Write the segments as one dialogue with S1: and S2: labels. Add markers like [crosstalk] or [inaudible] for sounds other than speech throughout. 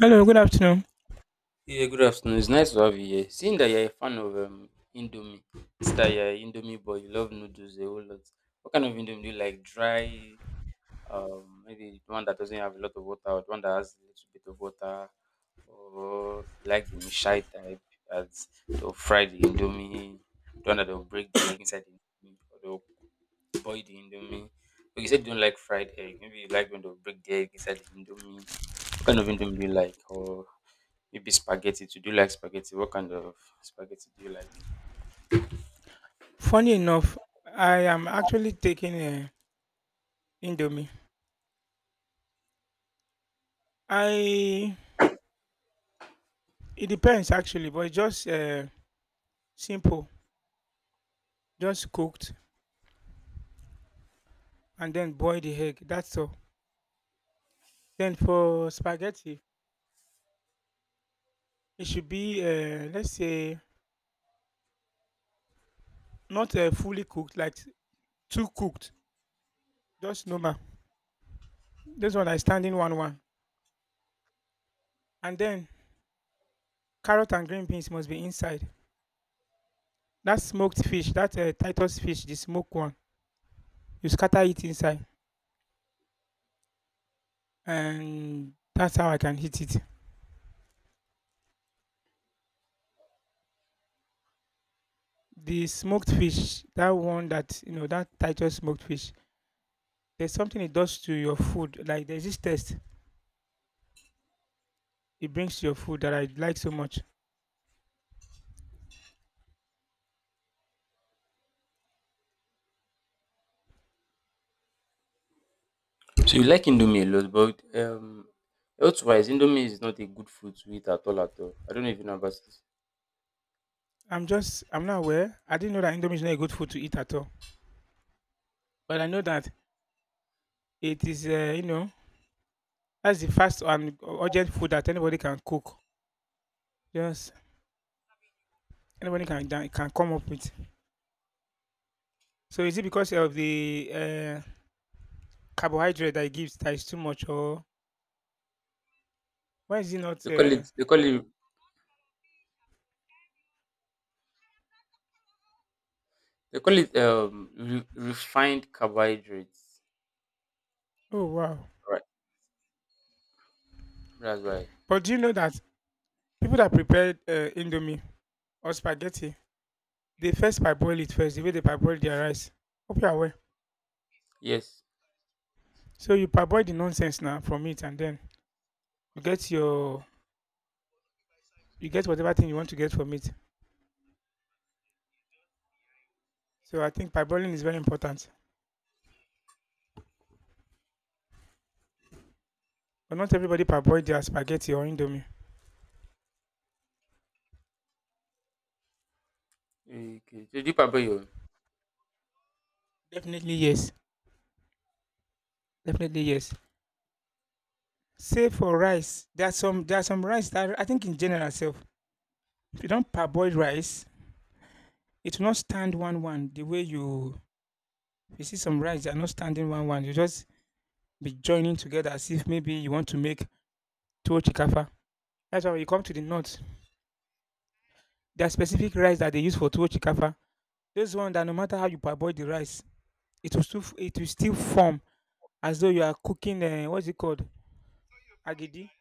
S1: Hello, good afternoon.
S2: Yeah, good afternoon. It's nice to have you here. Seeing that you're a fan of Indomie, it's that you're an Indomie boy, you love noodles a whole lot. What kind of Indomie do you like? Dry, maybe the one that doesn't have a lot of water, or the one that has a little bit of water, or you like the Mishai type as they'll fry the Indomie, the one that will break the egg inside the Indomie, or they'll boil the Indomie. But you said you don't like fried egg. Maybe you like when they'll break the egg inside the Indomie. What kind of Indomie do you like? Or maybe spaghetti. Do you like spaghetti? What kind of spaghetti do you like?
S1: Funny enough, I am actually taking Indomie. I It depends actually, but just simple, just cooked and then boil the egg. That's all. Then for spaghetti, it should be let's say not fully cooked, like too cooked, just normal. This one I stand in one one, and then carrot and green beans must be inside. That smoked fish, that Titus fish, the smoked one, you scatter it inside and that's how I can eat it. The smoked fish, that one that you know, that Titus smoked fish. There's something it does to your food. Like there's this taste it brings to your food that I like so much.
S2: So you like indomie a lot, but health wise, indomie is not a good food to eat at all. At all. I don't know if you know about it.
S1: I'm not aware. I didn't know that indomie is not a good food to eat at all. But I know that it is you know that's the fast and urgent food that anybody can cook. Just anybody can come up with. So is it because of the carbohydrate that it gives that is too much, or why is it not?
S2: They call it. They call it. They call it refined carbohydrates.
S1: Oh wow!
S2: Right. That's why.
S1: But do you know that people that prepare indomie or spaghetti, they first parboil it first, the way they parboil their rice. Hope you're aware.
S2: Yes.
S1: So you parboil the nonsense now from it, and then you get your you get whatever thing you want to get from it. So I think parboiling is very important. But not everybody parboil their spaghetti or indomie.
S2: Okay. So do you about your. Own?
S1: Definitely yes. Definitely yes. Save for rice. There's some rice that I think in general itself, if you don't parboil rice, it will not stand one one the way you see some rice they are not standing one one. You just be joining together as if maybe you want to make tuwo chikafa. That's why when you come to the north, there are specific rice that they use for tuwo chikafa. Those ones that no matter how you parboil the rice, it will still form as though you are cooking what's it called agidi.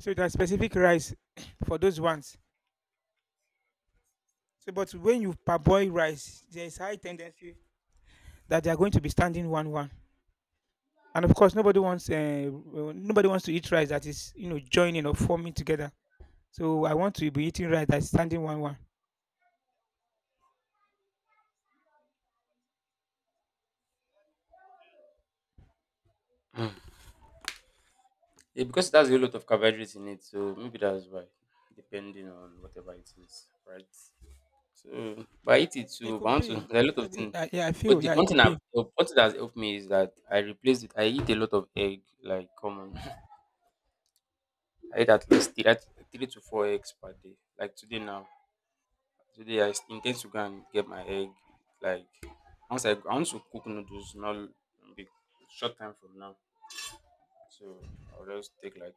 S1: So there are specific rice [coughs] [clears throat] for those ones. So but when you parboil rice, there is high tendency that they are going to be standing one one. And of course, nobody wants to eat rice that is you know joining or forming together. So I want to be eating rice that's standing one one.
S2: Hmm. [sniffs] Yeah, because it has a lot of carbohydrates in it, so maybe that's why. Depending on whatever it is, right? So, but I eat it
S1: It
S2: too. But I
S1: could
S2: want to [laughs]
S1: be.
S2: there are a
S1: Yeah,
S2: lot of things.
S1: I- yeah, I
S2: But
S1: feel.
S2: the
S1: Yeah, it
S2: one thing
S1: could
S2: I've
S1: be.
S2: help- one thing that's helped me is that I replace it. I eat a lot of egg, like common. [laughs] I eat at least three to four eggs per day. Like today now, today I intend to go and get my egg. Like once I want to cook noodles, not big short time from now. So I'll just take like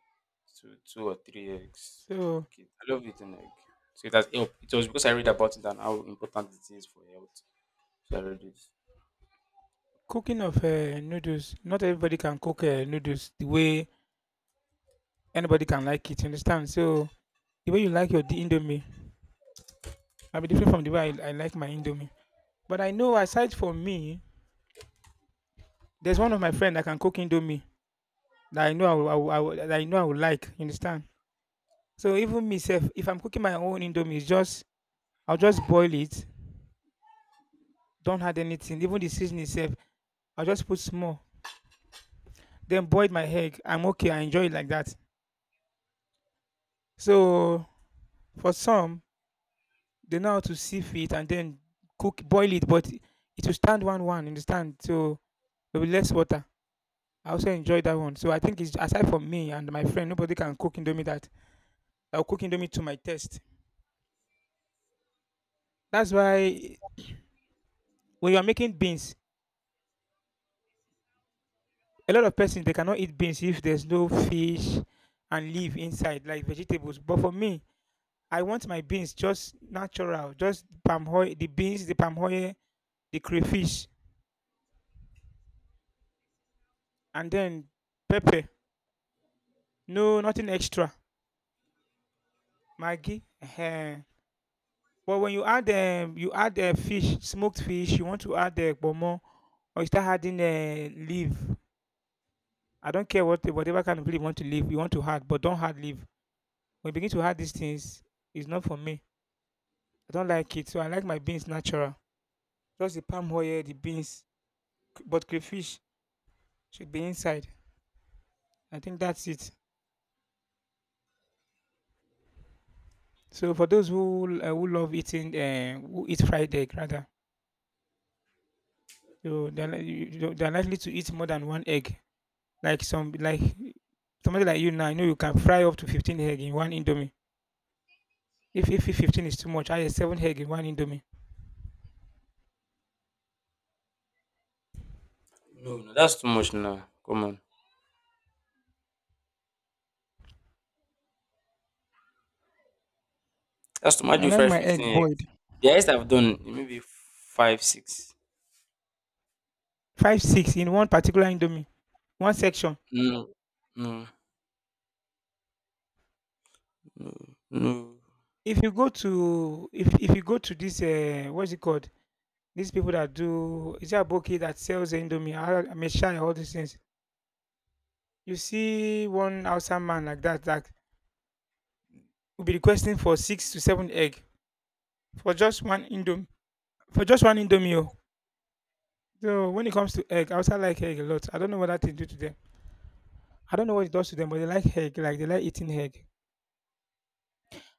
S2: two or three eggs.
S1: So,
S2: Cook it. I love eating egg. So it has helped. It was because I read about it and how important it is for health. So I read it.
S1: cooking of noodles, not everybody can cook noodles the way anybody can like it. You understand? So, the way you like indomie might be different from the way I like my indomie. But I know, aside from me, there's one of my friend that can cook indomie that I know that I know I will like. You understand? So even myself, if I'm cooking my own indomie, it's just I'll just boil it. Don't add anything. Even the seasoning itself, I'll just put small. Then boil my egg. I'm okay. I enjoy it like that. So for some, they know how to sieve it and then boil it, but it will stand one one. Understand? So there will be less water. I also enjoy that one. So I think it's aside from me and my friend, nobody can cook indomie that. I'll cook indomie to my taste. That's why when you are making beans, a lot of persons they cannot eat beans if there's no fish and leaf inside like vegetables. But for me, I want my beans just natural, just palm oil, the beans, the palm oil, the crayfish, and then pepper. No, nothing extra. Maggi. Ehen. But when you add fish, smoked fish, you want to add pomo, or you start adding leaf. I don't care what whatever kind of leaf you want to leave, you want to add, but don't add leaf. When you begin to add these things, it's not for me. I don't like it. So I like my beans natural. Just the palm oil, the beans, but crayfish should be inside. I think that's it. So for those who love eating, who eat fried egg rather, so they're, li- you- you- they're likely to eat more than one egg. Like somebody like you now, I know you can fry up to 15 egg in one indomie. If 15 is too much, I have seven egg in one indomie.
S2: No, no, that's too much now. Come on. That's too much.
S1: I
S2: You
S1: like
S2: fry
S1: my egg
S2: 15
S1: boiled.
S2: eggs. The highest I've done is maybe five, six.
S1: Five six in one particular indomie, one section.
S2: No, no, no, no.
S1: If you go to this what's it called? These people that do is there a bouquet that sells the indomie? I Meshai, all these things. You see one outside man like that that will be requesting for six to seven egg for just one indomie for just one indomie. Oh. So when it comes to egg, I also like egg a lot. I don't know what that thing do to them. I don't know what it does to them, but they like egg, like they like eating egg.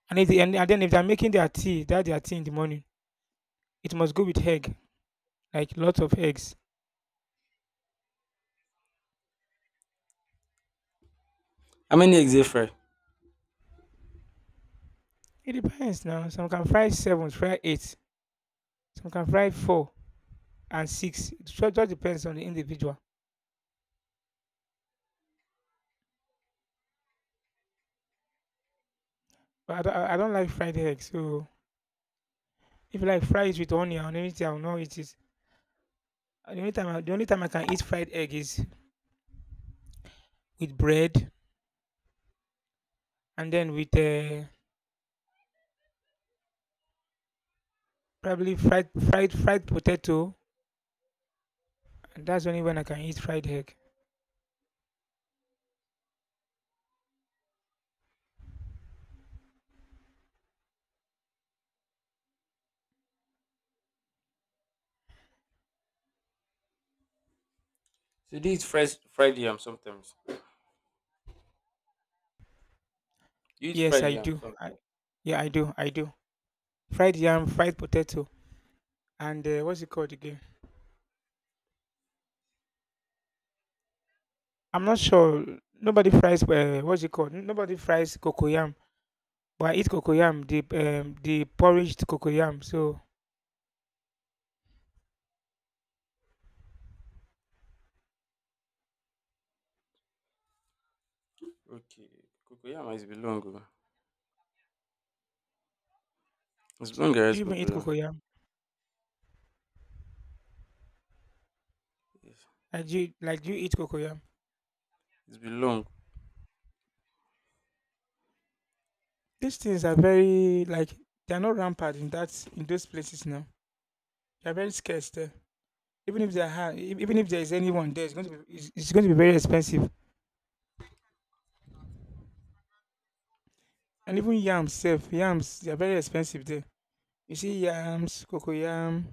S1: And if they, and then if they're making their tea, that their tea in the morning, it must go with egg, like lots of eggs.
S2: How many eggs they fry?
S1: It depends now. Some can fry seven, fry eight. Some can fry four and six. It just depends on the individual. But I don't like fried egg. So if you like fries with onion and anything, I'll know it is. The only time I can eat fried egg is with bread and then with probably fried potato, and that's only when I can eat fried egg.
S2: So they eat fresh fried yam sometimes. You eat
S1: Yes,
S2: fried
S1: I
S2: yam
S1: do. I
S2: sometimes.
S1: yeah, I do. I do. Fried yam, fried potato, and what's it called again? I'm not sure. Nobody fries. What's it called? Nobody fries cocoyam. But I eat cocoyam, the porridged cocoyam. So,
S2: Okay. Cocoyam is belong. Oh. It's belong
S1: do
S2: rice
S1: you even eat
S2: cocoyam.
S1: cocoyam?
S2: Yes.
S1: Like do you eat cocoyam?
S2: It's belong.
S1: These things are very like they are not rampant in that in those places now. They are very scarce there. Even if even if there is anyone there, it's going to be very expensive. And even yams, self yams, they are very expensive there. You see yams, cocoyam.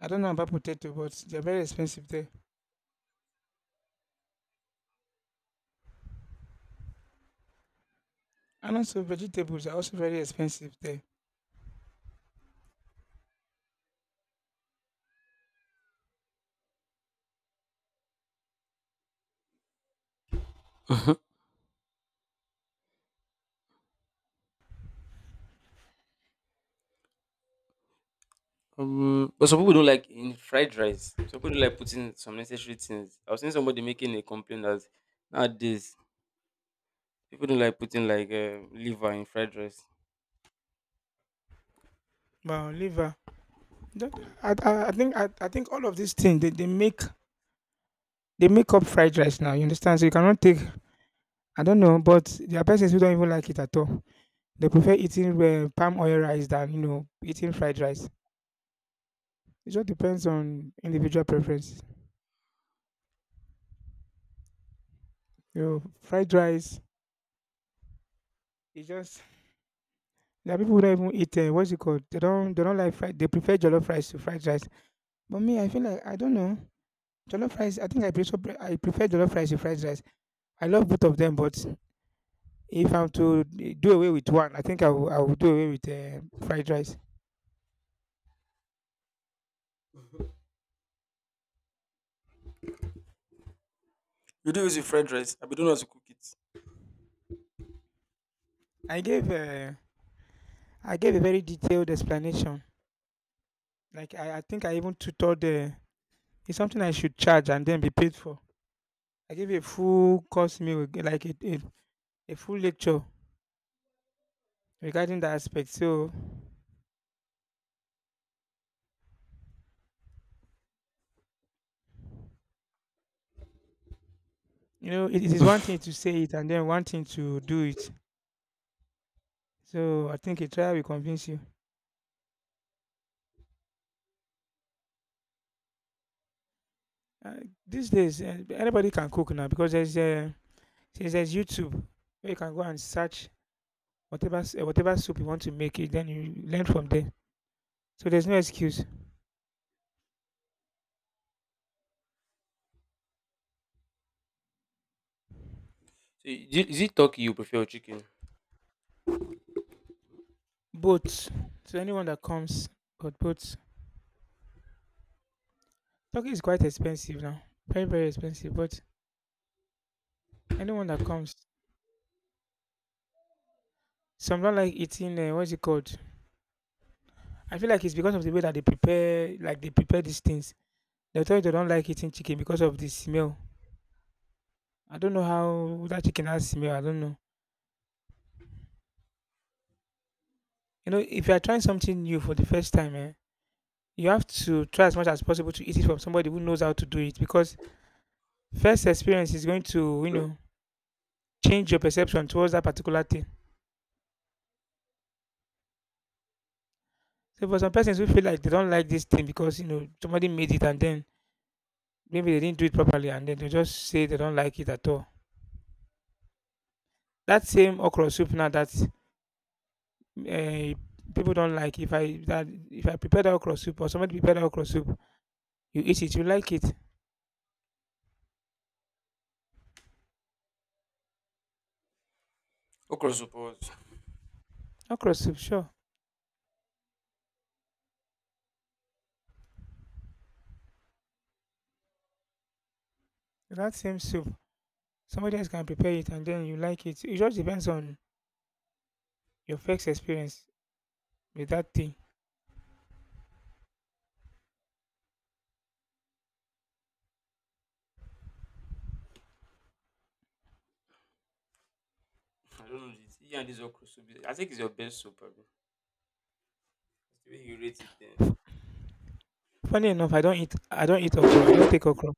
S1: I don't know about potato, but they are very expensive there. And also vegetables are also very expensive there.
S2: But some people don't like in fried rice. Some people don't like putting some necessary things. I was seeing somebody making a complaint that nowadays people don't like putting like liver in fried rice.
S1: But liver, Th-
S2: Hmm.
S1: I think I think all of these things they make up fried rice now. You understand? So you cannot take. I don't know, but there are persons who don't even like it at all. They prefer eating palm oil rice than you know eating fried rice. It just depends on individual preference. You know, fried rice. It just there are people who don't even eat. What's it called? They don't. They don't like fried. They prefer jollof rice to fried rice. But me, I feel like I don't know. Jollof rice. I think I prefer. I prefer jollof rice to fried rice. I love both of them, but if I'm to do away with one, I think I will. I will do away with fried rice.
S2: You do use your fried rice. I be don't know how to cook it.
S1: I gave. Uh, I gave a very detailed explanation. Like I think I even tutored. It's something I should charge and then be paid for. I gave a full course meal, like a full lecture regarding that aspect. So, you know, it is one thing
S2: [laughs]
S1: to say it and then one thing to do it. So, I think a trial will convince you. Uh, these days, anybody can cook now because there's since there's YouTube where you can go and search whatever soup you want to make it. Then you learn from there. So there's no excuse.
S2: So is it turkey you prefer or chicken?
S1: Boats to anyone that comes, but boats. Turkey is quite expensive now, very very expensive. But anyone that comes, some don't like eating. What's it called? I feel like it's because of the way that they prepare, like they prepare these things. They tell you they don't like eating chicken because of the smell. I don't know how that chicken has smell. I don't know. You know, if you are trying something new for the first time, eh, you have to try as much as possible to eat it from somebody who knows how to do it because first experience is going to, you know, change your perception towards that particular thing. So for some persons who feel like they don't like this thing because, you know, somebody made it and then maybe they didn't do it properly and then they just say they don't like it at all. That same okra soup now that eh, people don't like if I that if I prepare prepared okra soup or somebody prepared okra soup, you eat it, you like it.
S2: Okra soup. Or what?
S1: Okra soup, sure. That same soup, somebody else can prepare it and then you like it. It just depends on your first experience with that thing.
S2: I don't know this. You and this okra soup. I think it's your best soup, bro. The way you rate it, then
S1: Funny enough, I don't eat okra. I don't take okra.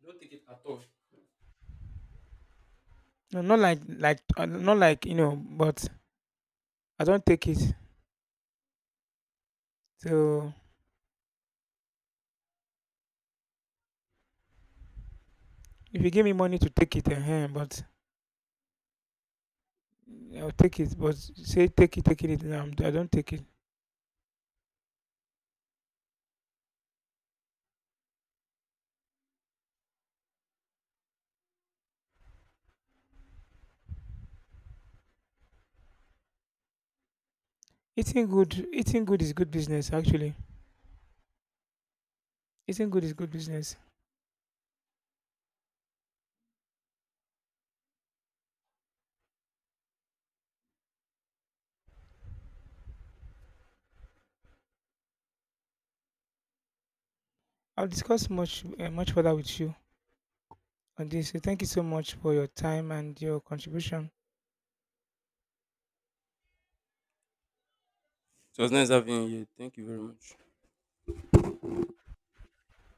S2: you don't take it at all.
S1: No, not like not like you know, but I don't take it. So if you give me money to take it, but I'll take it. But say take it, taking it. No, I don't take it. Eating good is good business. Actually, eating good is good business. I'll discuss much, much further with you on this. So thank you so much for your time and your contribution.
S2: So it was nice having you here. Thank you very much.